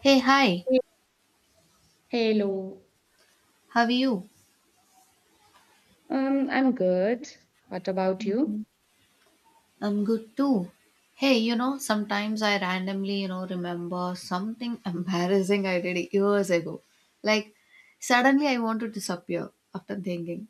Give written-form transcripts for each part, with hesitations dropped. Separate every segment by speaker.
Speaker 1: Hey, hi,
Speaker 2: Hey- Hello.
Speaker 1: how are you?
Speaker 2: I'm good. What about you?
Speaker 1: I'm good too. Hey, sometimes I randomly, remember something embarrassing I did years ago. Like, suddenly I want to disappear after thinking.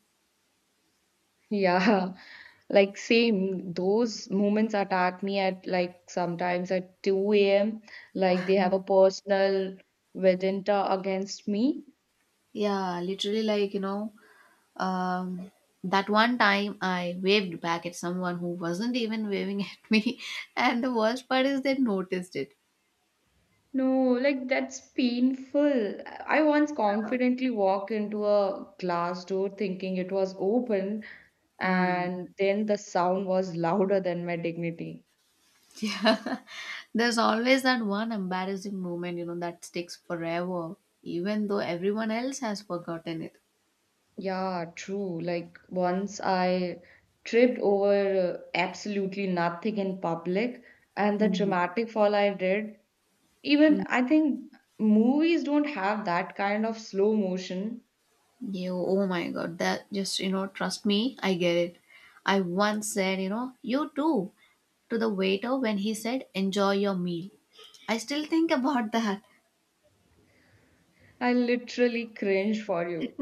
Speaker 2: Yeah, like same. Those moments attack me at like sometimes at 2 a.m. Like they have a personal vendetta against me.
Speaker 1: Yeah, literally, like, um, that one time I waved back at someone who wasn't even waving at me, and the worst part is they noticed it.
Speaker 2: No, like that's painful. I once confidently walked into a glass door thinking it was open,
Speaker 1: Hmm.
Speaker 2: and then the sound was louder than my dignity.
Speaker 1: There's always that one embarrassing moment, that sticks forever, even though everyone else has forgotten it.
Speaker 2: Yeah, true. Like once I tripped over absolutely nothing in public, and the
Speaker 1: Mm,
Speaker 2: dramatic fall I did, even
Speaker 1: mm.
Speaker 2: I think movies don't have that kind of slow motion.
Speaker 1: Oh my god, that just, trust me, I get it. I once said, you too, to the waiter when he said, "enjoy your meal." I still think about that.
Speaker 2: I literally cringe for you.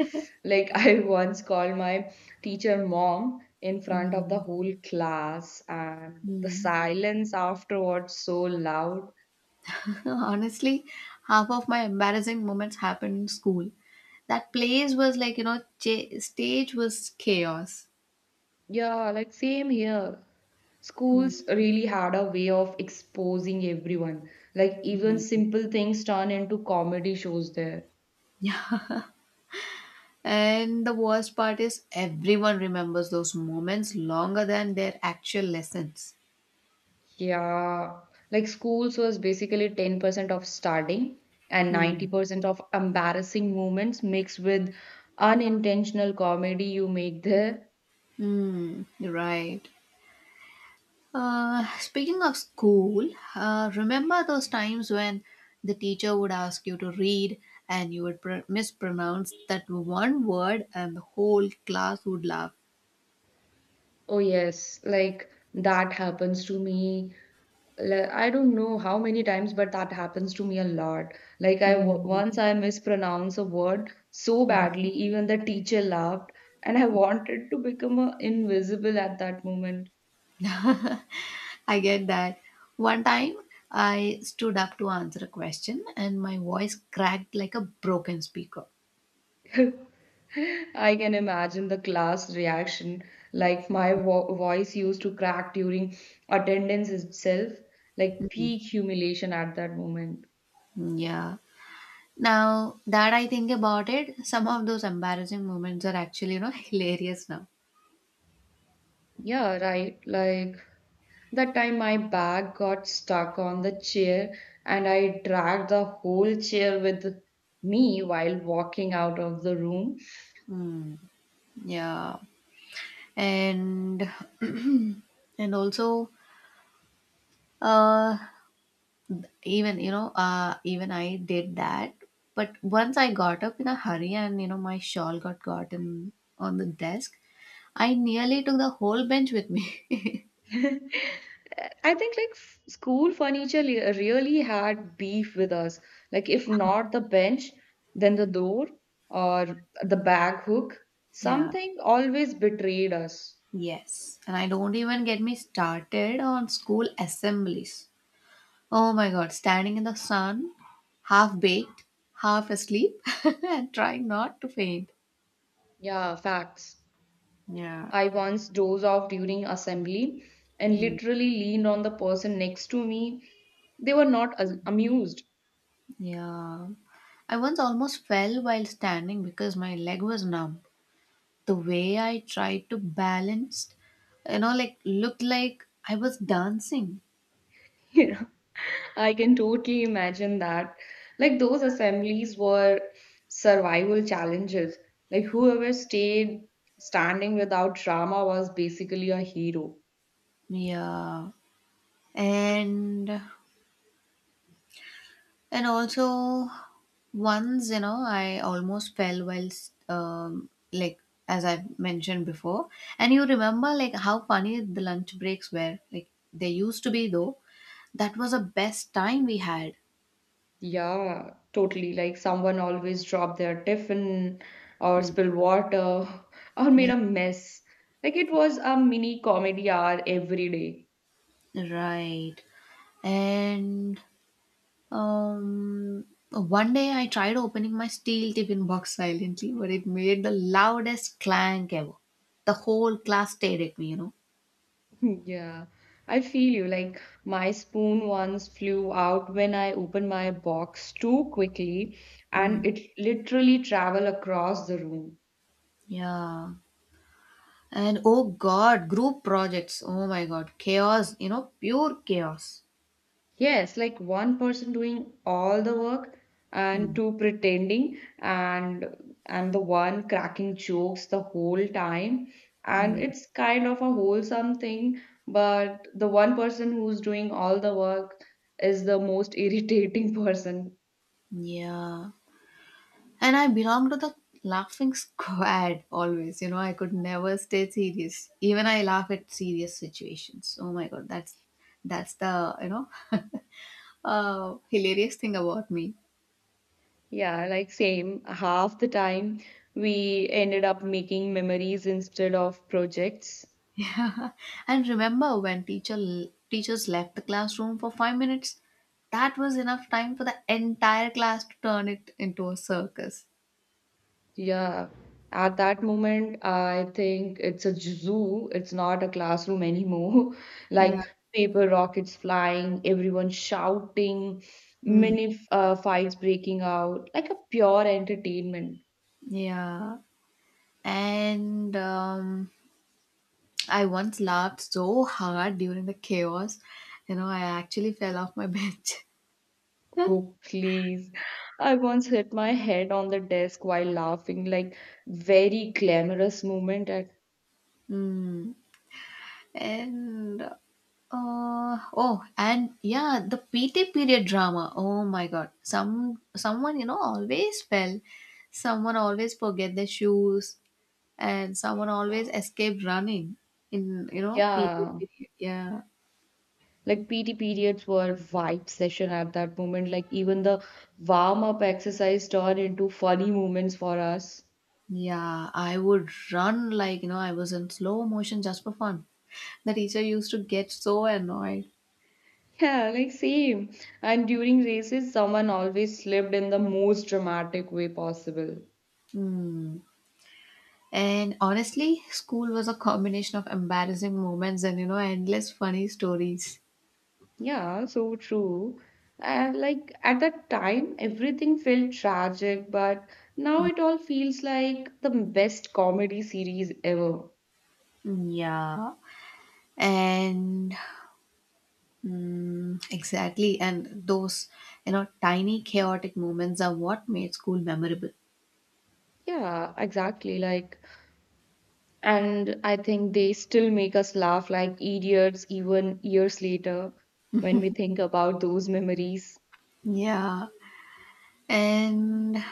Speaker 2: Like I once called my teacher mom in front of the whole class, and the
Speaker 1: Mm.
Speaker 2: silence afterwards so loud.
Speaker 1: Honestly, half of my embarrassing moments happened in school. That place was like, stage was chaos.
Speaker 2: Yeah, like same here. Schools really had a way of exposing everyone. Like even simple things turn into comedy shows there.
Speaker 1: And the worst part is everyone remembers those moments longer than their actual lessons.
Speaker 2: Yeah, like schools was basically 10% of starting and
Speaker 1: Hmm.
Speaker 2: 90% of embarrassing moments mixed with unintentional comedy you make there.
Speaker 1: Hmm. Right. Speaking of school, remember those times when the teacher would ask you to read and you would mispronounce that one word and the whole class would laugh.
Speaker 2: Oh yes, like that happens to me. Like, I don't know how many times, but that happens to me a lot. Like once
Speaker 1: Hmm.
Speaker 2: I mispronounce a word so badly, even the teacher laughed, and I wanted to become a invisible at that moment.
Speaker 1: I get that. One time, I stood up to answer a question and my voice cracked like a broken speaker.
Speaker 2: I can imagine the class reaction. Like my voice used to crack during attendance itself, like peak humiliation at that moment.
Speaker 1: Mm, yeah. Now that I think about it, some of those embarrassing moments are actually, hilarious now.
Speaker 2: Yeah, right. Like that time my bag got stuck on the chair and I dragged the whole chair with me while walking out of the room.
Speaker 1: Mm, yeah. And and also uh even I did that. But once I got up in a hurry and, my shawl got gotten on the desk, I nearly took the whole bench with me.
Speaker 2: I think like school furniture really had beef with us. Like if not the bench, then the door or the bag hook,
Speaker 1: Yeah.
Speaker 2: something always betrayed us.
Speaker 1: Yes. And I don't even get me started on school assemblies. Oh my god, standing in the sun, half baked, half asleep, and trying not to faint.
Speaker 2: Yeah, facts.
Speaker 1: Yeah.
Speaker 2: I once dozed off during assembly and
Speaker 1: Mm.
Speaker 2: literally leaned on the person next to me. They were not as amused.
Speaker 1: Yeah. I once almost fell while standing because my leg was numb. The way I tried to balance, like looked like I was dancing.
Speaker 2: You know, I can totally imagine that. Like those assemblies were survival challenges. Like whoever stayed standing without drama was basically a hero.
Speaker 1: Yeah. And And also, once, I almost fell while, like, as I've mentioned before. And you remember, like, how funny the lunch breaks were. Like, they used to be, though. That was the best time we had.
Speaker 2: Yeah, totally. Like someone always dropped their tiffin or
Speaker 1: Mm.
Speaker 2: spilled water or
Speaker 1: Yeah,
Speaker 2: made a mess. Like it was a mini comedy hour every day.
Speaker 1: right. And um, one day I tried opening my steel tiffin box silently, but it made the loudest clank ever. The whole class stared at me.
Speaker 2: Yeah, I feel you. Like my spoon once flew out when I opened my box too quickly,
Speaker 1: Mm.
Speaker 2: and it literally traveled across the room.
Speaker 1: Yeah. And oh God, group projects. Oh my God, chaos, pure chaos.
Speaker 2: Yes, like one person doing all the work and
Speaker 1: Hmm.
Speaker 2: two pretending and the one cracking jokes the whole time. And
Speaker 1: Hmm.
Speaker 2: it's kind of a wholesome thing, but the one person who's doing all the work is the most irritating person.
Speaker 1: Yeah. And I belong to the laughing squad always. You know, I could never stay serious. Even I laugh at serious situations. Oh my God, that's the, hilarious thing about me.
Speaker 2: Yeah, like same. Half the time we ended up making memories instead of projects.
Speaker 1: And remember when teachers left the classroom for 5 minutes? That was enough time for the entire class to turn it into a circus.
Speaker 2: Yeah. At that moment, I think it's a zoo. It's not a classroom anymore.
Speaker 1: Yeah.
Speaker 2: Like paper rockets flying, everyone shouting,
Speaker 1: Mm,
Speaker 2: mini fights breaking out, like a pure entertainment.
Speaker 1: yeah. And I once laughed so hard during the chaos, I actually fell off my bench.
Speaker 2: Oh, please. I once hit my head on the desk while laughing, like very glamorous moment at,
Speaker 1: Mm. And oh, and yeah, the PT period drama. Oh my god. Someone always fell. Someone always forget their shoes and someone always escaped running in, PT
Speaker 2: yeah.
Speaker 1: period. Yeah.
Speaker 2: Like PT periods were vibe session at that moment. Like even the warm up exercise turned into funny moments for us.
Speaker 1: Yeah, I would run like, I was in slow motion just for fun. The teacher used to get so annoyed.
Speaker 2: Yeah, like same. And during races, someone always slipped in the most dramatic way possible.
Speaker 1: Hmm. And honestly, school was a combination of embarrassing moments and, endless funny stories.
Speaker 2: Yeah, so true. And like at that time, everything felt tragic, but now it all feels like the best comedy series ever.
Speaker 1: Yeah. And exactly. And those, tiny chaotic moments are what made school memorable.
Speaker 2: Yeah, exactly. Like and I think they still make us laugh like idiots even years later when we think about those memories.
Speaker 1: Yeah. And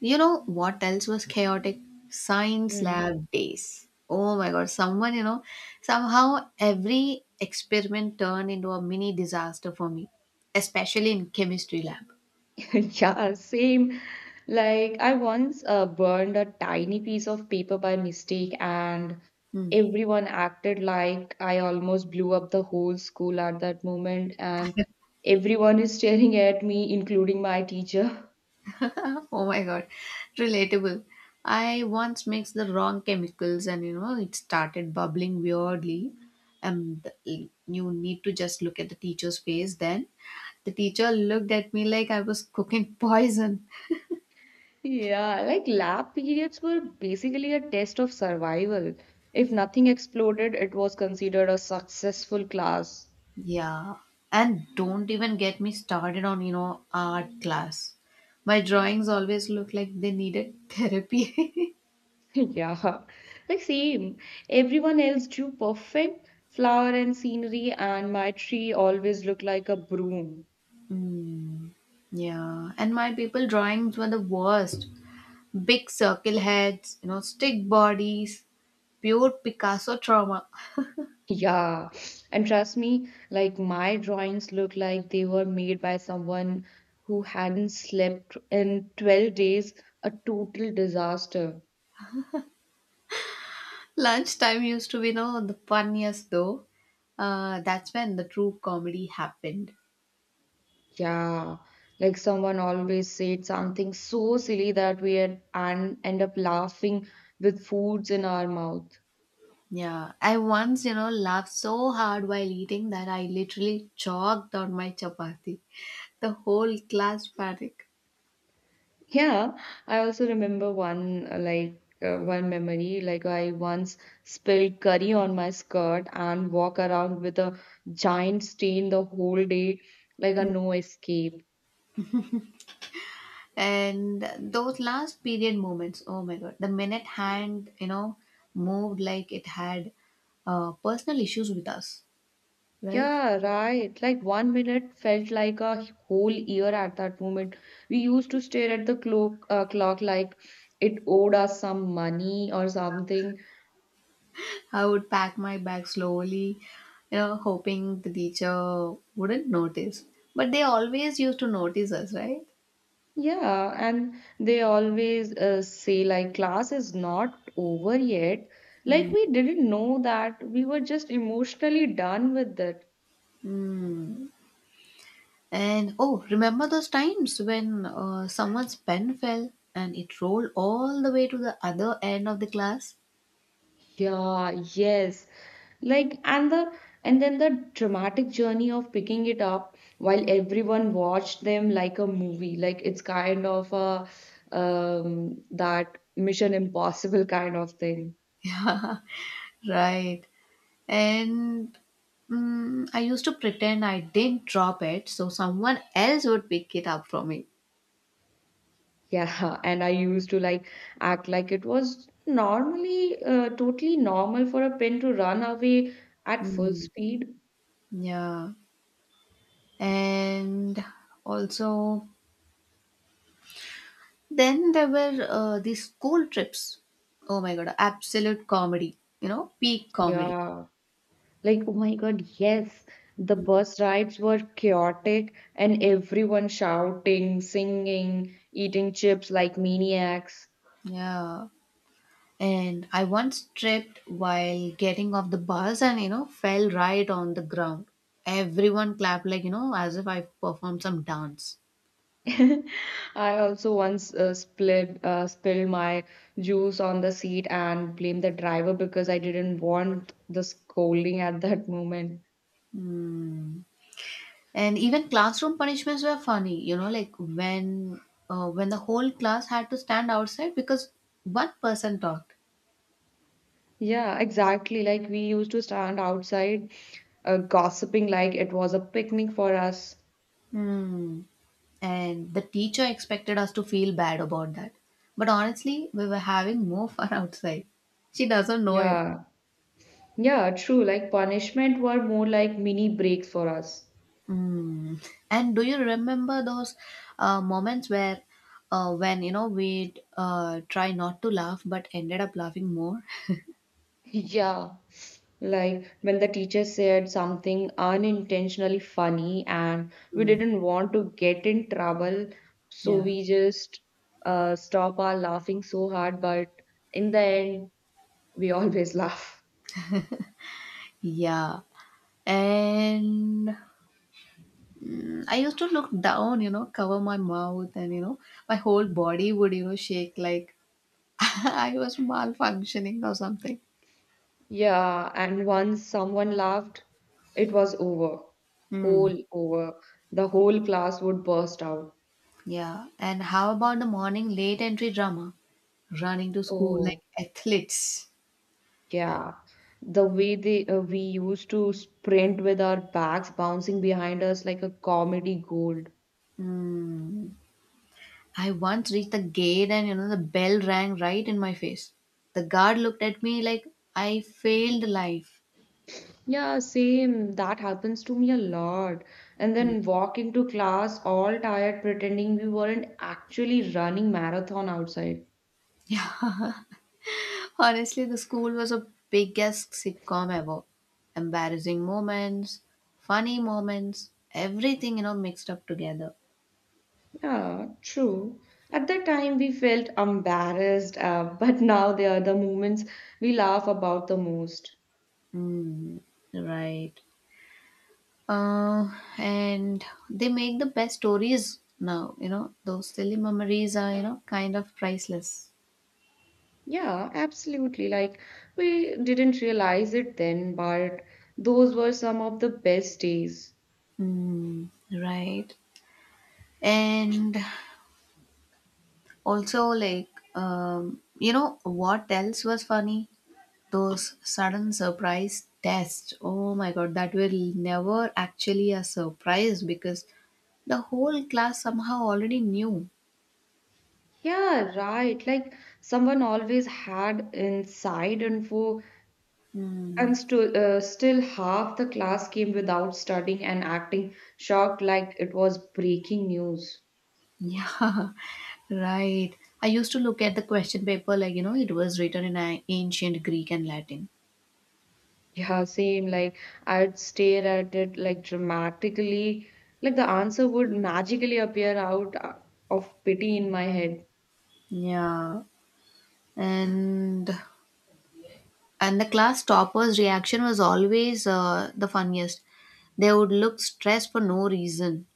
Speaker 1: you know what else was chaotic? Science
Speaker 2: Mm.
Speaker 1: lab days. Oh my god, someone, somehow every experiment turned into a mini disaster for me, especially in chemistry lab.
Speaker 2: Yeah, same. Like, I once burned a tiny piece of paper by mistake, and
Speaker 1: Hmm.
Speaker 2: everyone acted like I almost blew up the whole school at that moment. And everyone is staring at me, including my teacher.
Speaker 1: Oh my god, relatable. I once mixed the wrong chemicals and it started bubbling weirdly. And you need to just look at the teacher's face. Then the teacher looked at me like I was cooking poison.
Speaker 2: Yeah, like lab periods were basically a test of survival. If nothing exploded, it was considered a successful class.
Speaker 1: Yeah, and don't even get me started on, art class. My drawings always look like they needed therapy.
Speaker 2: Yeah, like same. Everyone else drew perfect flower and scenery, and my tree always looked like a broom.
Speaker 1: Yeah, and my people drawings were the worst. Big circle heads, stick bodies, pure Picasso trauma.
Speaker 2: Yeah, and trust me, like my drawings look like they were made by someone who hadn't slept in 12 days, a total disaster.
Speaker 1: Lunchtime used to be, the funniest though. That's when the true comedy happened.
Speaker 2: Yeah, like someone always said something so silly that we had and end up laughing with foods in our mouth.
Speaker 1: Yeah, I once, laughed so hard while eating that I literally choked on my chapati. The whole class panic.
Speaker 2: Yeah, I also remember one memory. Like I once spilled curry on my skirt and walk around with a giant stain the whole day, like a no escape.
Speaker 1: And those last period moments, oh my god, the minute hand, moved like it had personal issues with us, right?
Speaker 2: Yeah, right. Like one minute felt like a whole year at that moment. We used to stare at the clock like it owed us some money or something.
Speaker 1: I would pack my bag slowly, hoping the teacher wouldn't notice, but they always used to notice us, right?
Speaker 2: Yeah, and they always say like class is not over yet. Like we didn't know that. We were just emotionally done with it.
Speaker 1: Mm. And oh, remember those times when someone's pen fell and it rolled all the way to the other end of the class,
Speaker 2: Yeah, yes. Like and then the dramatic journey of picking it up while everyone watched them like a movie. Like it's kind of a that Mission Impossible kind of thing.
Speaker 1: right? And I used to pretend I did not drop it so someone else would pick it up from me.
Speaker 2: Yeah, and I used to like act like it was normally totally normal for a pin to run away at full
Speaker 1: Mm,
Speaker 2: speed.
Speaker 1: yeah. And also, then there were these school trips. Oh my god, absolute comedy, peak comedy.
Speaker 2: Yeah. Like, oh my God, yes, the bus rides were chaotic and everyone shouting, singing, eating chips like maniacs.
Speaker 1: Yeah. And I once tripped while getting off the bus and, fell right on the ground. Everyone clapped, like, as if I performed some dance.
Speaker 2: I also once spilled my juice on the seat and blamed the driver because I didn't want the scolding at that moment.
Speaker 1: And even classroom punishments were funny, like when the whole class had to stand outside because one person talked.
Speaker 2: Yeah, exactly. Like, we used to stand outside, gossiping like it was a picnic for us.
Speaker 1: Hmm. And the teacher expected us to feel bad about that. But honestly, we were having more fun outside. She doesn't know it.
Speaker 2: Yeah. Yeah, true. Like punishment were more like mini breaks for us.
Speaker 1: Hmm. And do you remember those moments where when we'd try not to laugh but ended up laughing more?
Speaker 2: Yeah, like when the teacher said something unintentionally funny and we
Speaker 1: Hmm.
Speaker 2: didn't want to get in trouble, so
Speaker 1: Yeah.
Speaker 2: we just stop our laughing so hard, but in the end, we always laugh.
Speaker 1: Yeah. And I used to look down, cover my mouth, and my whole body would, shake like I was malfunctioning or something.
Speaker 2: Yeah, and once someone laughed, it was over.
Speaker 1: Hmm.
Speaker 2: Whole over. The whole class would burst out.
Speaker 1: Yeah. And how about the morning late entry drama? Running to school like
Speaker 2: Oh.
Speaker 1: athletes.
Speaker 2: Yeah, the way they we used to sprint with our bags bouncing behind us like a comedy gold.
Speaker 1: Hmm. I once reached the gate and, the bell rang right in my face. The guard looked at me like I failed life.
Speaker 2: Yeah, same. That happens to me a lot. And then walk into class all tired, pretending we weren't actually running marathon outside.
Speaker 1: Honestly, the school was a biggest sitcom ever. Embarrassing moments, funny moments, everything mixed up together.
Speaker 2: Yeah, true. At that time, we felt embarrassed, but now they are the moments we laugh about the most.
Speaker 1: Hmm. Right. Uh, and they make the best stories now. You know those silly memories are kind of priceless.
Speaker 2: Yeah, absolutely. Like, we didn't realize it then, but those were some of the best days.
Speaker 1: Hmm. Right. And also, like, what else was funny? Those sudden surprise tests. Oh my god, that were never actually a surprise because the whole class somehow already knew.
Speaker 2: Yeah, right. Like, someone always had inside info,
Speaker 1: Hmm.
Speaker 2: and stu still half the class came without studying and acting shocked like it was breaking news.
Speaker 1: Yeah, right. I used to look at the question paper like, it was written in ancient Greek and Latin.
Speaker 2: Yeah, same. Like, I'd stare at it like dramatically, like the answer would magically appear out of pity in my head.
Speaker 1: Yeah, and And the class topper's reaction was always the funniest. They would look stressed for no reason.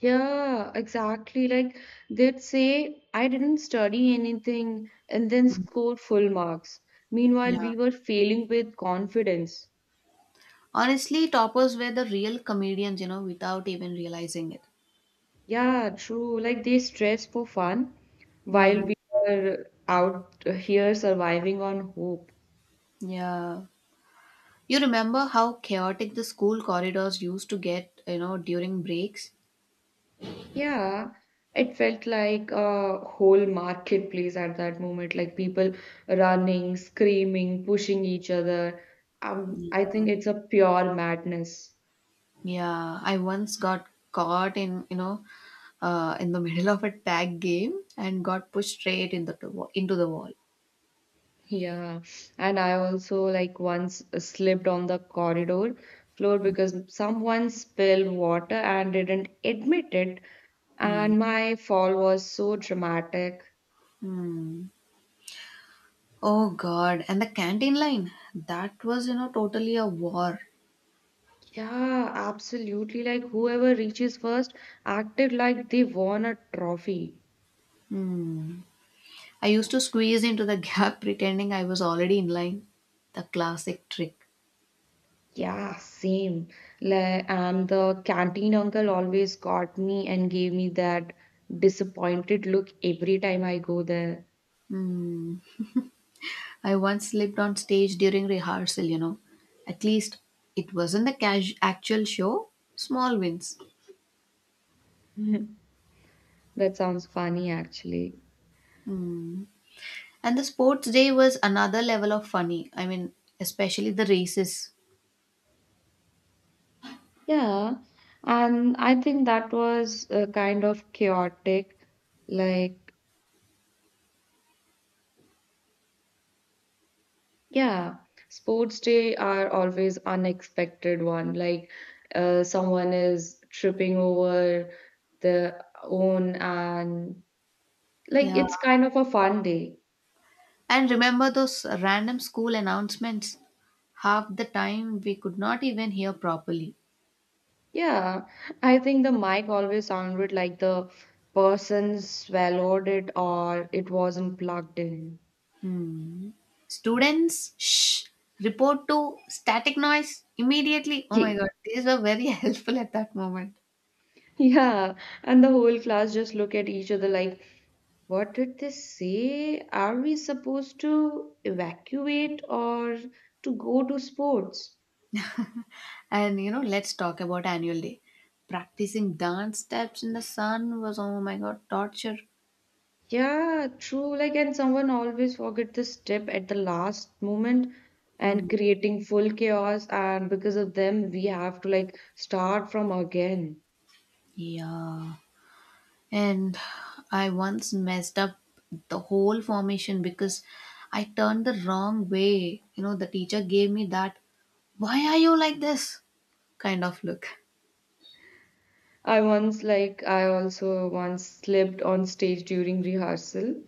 Speaker 2: Yeah, exactly. Like they'd say, I didn't study anything and then score full marks. Meanwhile,
Speaker 1: Yeah.
Speaker 2: we were failing with confidence.
Speaker 1: Honestly, toppers were the real comedians, without even realizing it.
Speaker 2: Yeah, true. Like they stress for fun
Speaker 1: Hmm.
Speaker 2: while we were out here surviving on hope.
Speaker 1: Yeah. You remember how chaotic the school corridors used to get, during breaks?
Speaker 2: Yeah, it felt like a whole marketplace at that moment, like people running, screaming, pushing each other. I think it's a pure madness.
Speaker 1: Yeah, I once got caught in the middle of a tag game and got pushed straight into the wall.
Speaker 2: Yeah, and I also like once slipped on the corridor floor because someone spilled water and didn't admit it,
Speaker 1: Hmm.
Speaker 2: and my fall was so dramatic.
Speaker 1: Hmm. Oh God, and the canteen line. That was, totally a war.
Speaker 2: Yeah, absolutely. Like whoever reaches first acted like they won a trophy.
Speaker 1: Hmm. I used to squeeze into the gap pretending I was already in line. The classic trick.
Speaker 2: Yeah, same. Like, and the canteen uncle always caught me and gave me that disappointed look every time I go there.
Speaker 1: Hmm. I once slipped on stage during rehearsal. At least it wasn't the actual show. Small wins.
Speaker 2: That sounds funny, actually.
Speaker 1: Hmm. And the sports day was another level of funny. I mean, especially the races.
Speaker 2: Yeah, and I think that was kind of chaotic. Like, yeah, sports day are always unexpected one. Like, someone is tripping over their own, and like
Speaker 1: Yeah,
Speaker 2: it's kind of a fun day.
Speaker 1: and remember those random school announcements? Half the time we could not even hear properly.
Speaker 2: Yeah, I think the mic always sounded like the person swallowed it or it wasn't plugged in.
Speaker 1: Hmm. Students, shh, report to static noise immediately. Oh my
Speaker 2: Ye-
Speaker 1: god, these were very helpful at that moment.
Speaker 2: Yeah, and the whole class just look at each other like. What did they say? Are we supposed to evacuate or to go to sports?
Speaker 1: And let's talk about annual day. Practicing dance steps in the sun was oh my god, torture.
Speaker 2: Yeah, true. Like, and someone always forget this step at the last moment
Speaker 1: Hmm.
Speaker 2: and creating full chaos. And because of them, we have to like start from again.
Speaker 1: Yeah. And I once messed up the whole formation because I turned the wrong way. You know, the teacher gave me that, "why are you like this?" kind of look.
Speaker 2: I also once slipped on stage during rehearsal.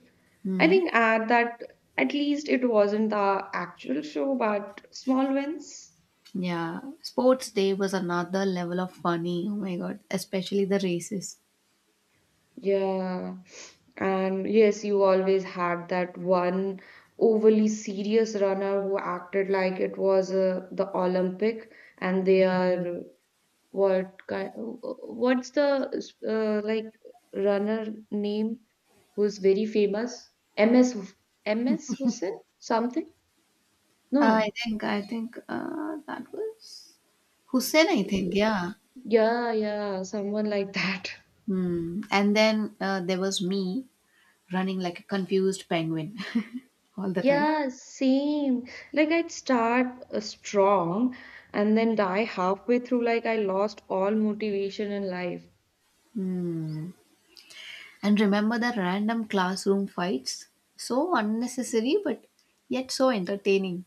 Speaker 2: I
Speaker 1: Hmm.
Speaker 2: think at least it wasn't the actual show, but small wins.
Speaker 1: Yeah. Sports day was another level of funny. Oh my god. Especially the races.
Speaker 2: Yeah, and yes, you always had that one overly serious runner who acted like it was the Olympic, and they are what kind? What's the like runner name who's very famous? MS Hus- MS Hussain something?
Speaker 1: I
Speaker 2: No,
Speaker 1: think, I think uh, that was Hussein, I think. Yeah.
Speaker 2: yeah, yeah, someone like that.
Speaker 1: Hmm. And then there was me running like a confused penguin all the time.
Speaker 2: Yeah, same. Like I'd start strong and then die halfway through, like I lost all motivation in life.
Speaker 1: Hmm. And remember the random classroom fights? So unnecessary, but yet so entertaining.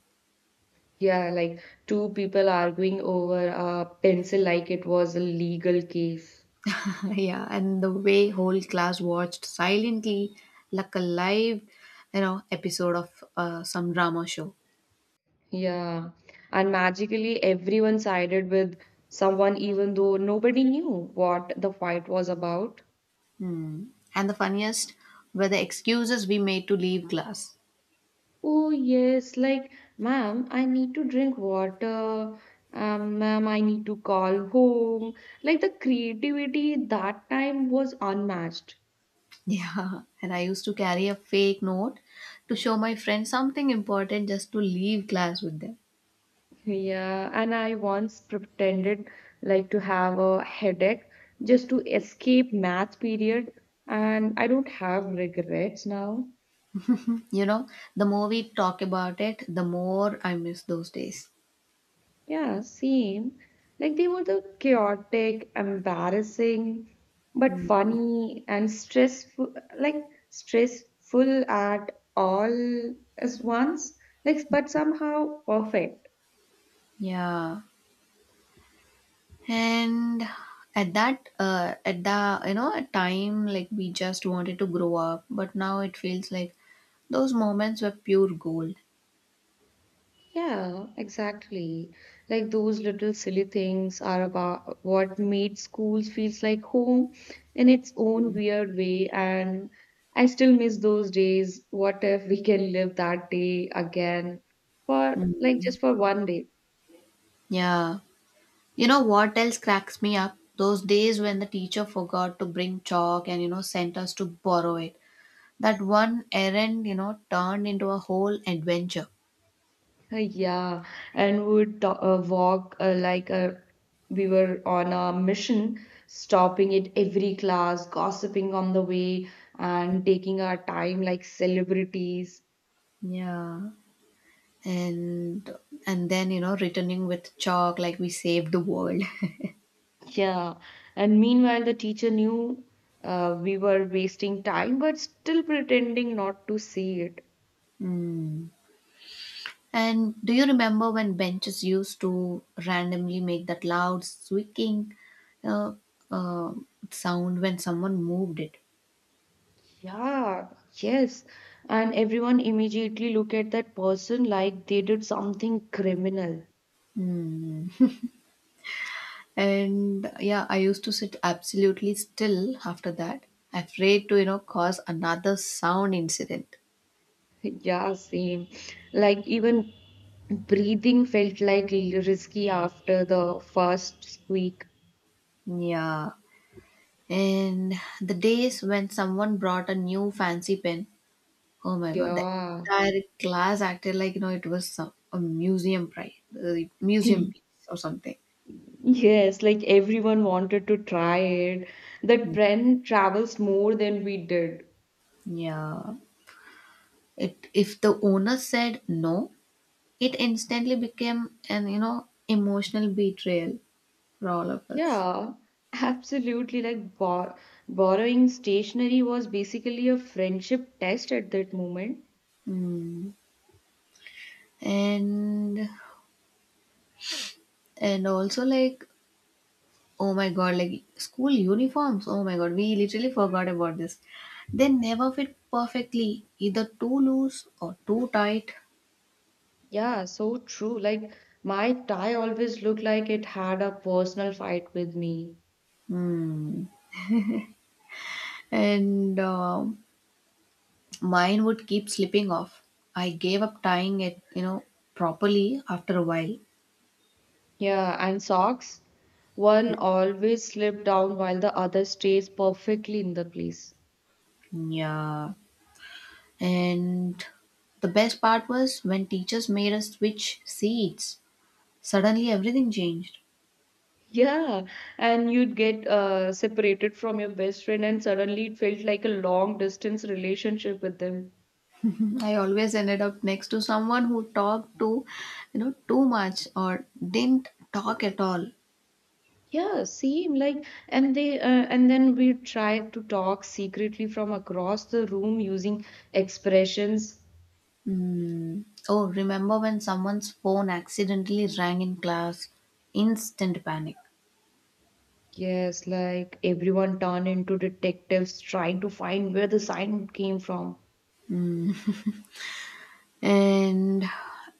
Speaker 2: Yeah, like two people arguing over a pencil like it was a legal case.
Speaker 1: Yeah, and the way whole class watched silently, like a live, episode of some drama show.
Speaker 2: Yeah. And magically, everyone sided with someone, even though nobody knew what the fight was about.
Speaker 1: Hmm. And the funniest were the excuses we made to leave class.
Speaker 2: Oh, yes, like, ma'am, I need to drink water. Ma'am, I need to call home. Like, the creativity that time was unmatched.
Speaker 1: Yeah, and I used to carry a fake note to show my friends something important just to leave class with them.
Speaker 2: Yeah, and I once pretended like to have a headache just to escape math period, and I don't have regrets now.
Speaker 1: You know, the more we talk about it, the more I miss those days.
Speaker 2: Yeah, same. Like they were the chaotic, embarrassing, but
Speaker 1: Hmm.
Speaker 2: funny and stressful, like stressful at all as once, like but somehow perfect.
Speaker 1: Yeah, and at that at the you know at time like we just wanted to grow up, but now it feels like those moments were pure gold.
Speaker 2: Yeah, exactly. Like those little silly things are about what made schools feels like home in its own weird way. And I still miss those days. What if we can live that day again for like
Speaker 1: Mm.
Speaker 2: just for one day?
Speaker 1: Yeah, you know what else cracks me up? Those days when the teacher forgot to bring chalk and sent us to borrow it. That one errand turned into a whole adventure.
Speaker 2: Yeah, and we would walk, like a we were on a mission, stopping at every class, gossiping on the way, and taking our time like celebrities.
Speaker 1: Yeah, and and then returning with chalk like we saved the world.
Speaker 2: Yeah, and meanwhile, the teacher knew we were wasting time, but still pretending not to see it.
Speaker 1: Mm. And do you remember when benches used to randomly make that loud squeaking uh, uh, sound when someone moved it?
Speaker 2: Yeah, yes. And everyone immediately look at that person like they did something criminal.
Speaker 1: Mm. And yeah, I used to sit absolutely still after that, afraid to, cause another sound incident.
Speaker 2: Yeah, same. Like even breathing felt like risky after the first squeak.
Speaker 1: Yeah. And the days when someone brought a new fancy pen, oh my god, the
Speaker 2: Yeah.
Speaker 1: entire class acted like, it was some, a museum prize, uh, museum
Speaker 2: He-
Speaker 1: piece or something.
Speaker 2: Yes, like everyone wanted to try it. The trend travels more than we did.
Speaker 1: Yeah. If the owner said no, it instantly became an emotional betrayal for all of us.
Speaker 2: Yeah, absolutely. Like borrowing stationery was basically a friendship test at that moment.
Speaker 1: Mm. And and also like oh my god like school uniforms, oh my god, we literally forgot about this. They never fit perfectly, either too loose or too tight.
Speaker 2: Yeah, so true. Like my tie always looked like it had a personal fight with me.
Speaker 1: Mm. And mine would keep slipping off. I gave up tying it properly after a while.
Speaker 2: Yeah, and socks. One always slipped down while the other stays perfectly in the place.
Speaker 1: Yeah. And the best part was when teachers made us switch seats, suddenly everything changed.
Speaker 2: Yeah, and you'd get separated from your best friend, and suddenly it felt like a long distance relationship with them.
Speaker 1: I always ended up next to someone who talked too much or didn't talk at all.
Speaker 2: Yeah, same. Like, and then we try to talk secretly from across the room using expressions.
Speaker 1: Mm. Oh, remember when someone's phone accidentally rang in class? Instant panic.
Speaker 2: Yes, like everyone turned into detectives trying to find where the sign came from.
Speaker 1: And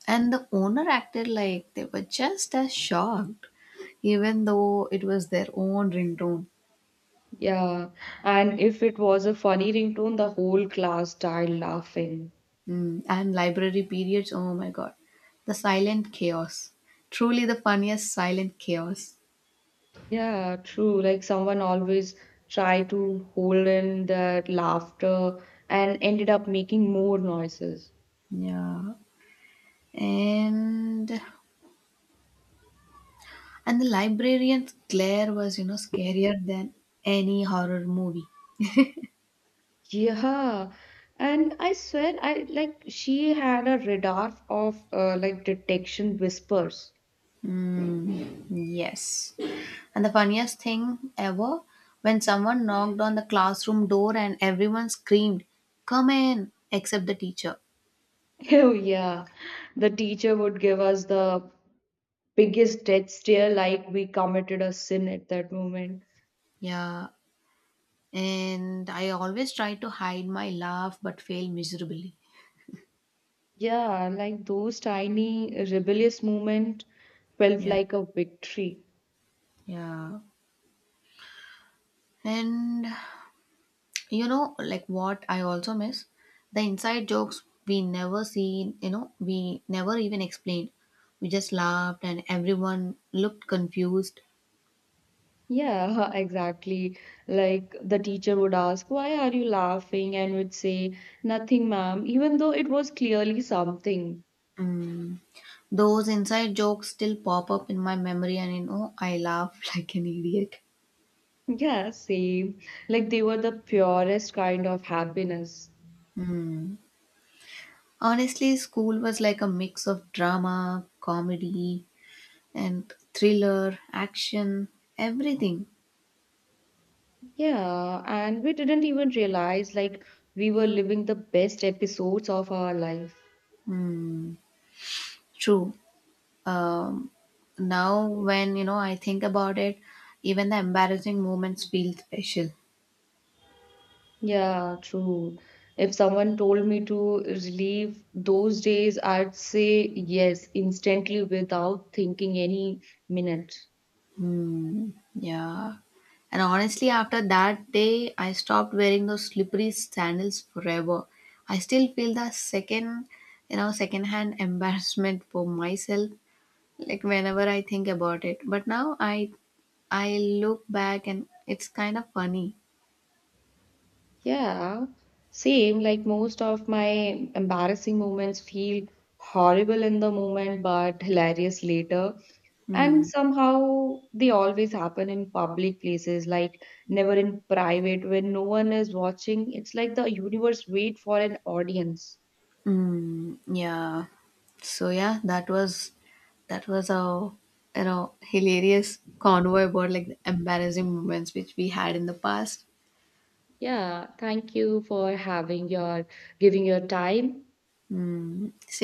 Speaker 1: and the owner acted like they were just as shocked, even though it was their own ringtone.
Speaker 2: Yeah, and if it was a funny ringtone, the whole class died laughing.
Speaker 1: And library periods, oh my god. The silent chaos. Truly the funniest silent chaos.
Speaker 2: Yeah, true. Like someone always tried to hold in that laughter and ended up making more noises.
Speaker 1: Yeah. And and the librarian's glare was, scarier than any horror movie.
Speaker 2: Yeah, and I swear, I like she had a radar of like detection whispers.
Speaker 1: Mm, yes. And the funniest thing ever, when someone knocked on the classroom door and everyone screamed, "Come in," except the teacher.
Speaker 2: Oh, yeah, the teacher would give us the biggest death stare, like we committed a sin at that moment.
Speaker 1: Yeah. And I always try to hide my laugh but fail miserably.
Speaker 2: Yeah, like those tiny rebellious moment felt
Speaker 1: Yeah.
Speaker 2: like a victory.
Speaker 1: Yeah. And like what I also miss? The inside jokes we never seen, we never even explained. We just laughed and everyone looked confused.
Speaker 2: Yeah, exactly. Like the teacher would ask, why are you laughing? And would say, nothing, ma'am, even though it was clearly something.
Speaker 1: Mm. Those inside jokes still pop up in my memory and I laugh like an idiot.
Speaker 2: Yeah, same. Like they were the purest kind of happiness.
Speaker 1: Mm. Honestly, school was like a mix of drama, comedy, and thriller, action, everything.
Speaker 2: Yeah, and we didn't even realize like we were living the best episodes of our life.
Speaker 1: Mm. True. um, Now when I think about it, even the embarrassing moments feel special.
Speaker 2: Yeah, true. If someone told me to relive those days, I'd say yes instantly without thinking any minute.
Speaker 1: Hmm. Yeah, and honestly after that day I stopped wearing those slippery sandals forever. I still feel the second you know second hand embarrassment for myself, like whenever I think about it, but now I look back and it's kind of funny.
Speaker 2: Yeah, same. Like most of my embarrassing moments feel horrible in the moment, but hilarious later. And
Speaker 1: Hmm.
Speaker 2: somehow they always happen in public places, like never in private when no one is watching. It's like the universe wait for an audience.
Speaker 1: Mm, yeah. So yeah, that was our hilarious convo about like the embarrassing moments which we had in the past.
Speaker 2: Yeah, thank you for having your giving your time.
Speaker 1: Mm, same.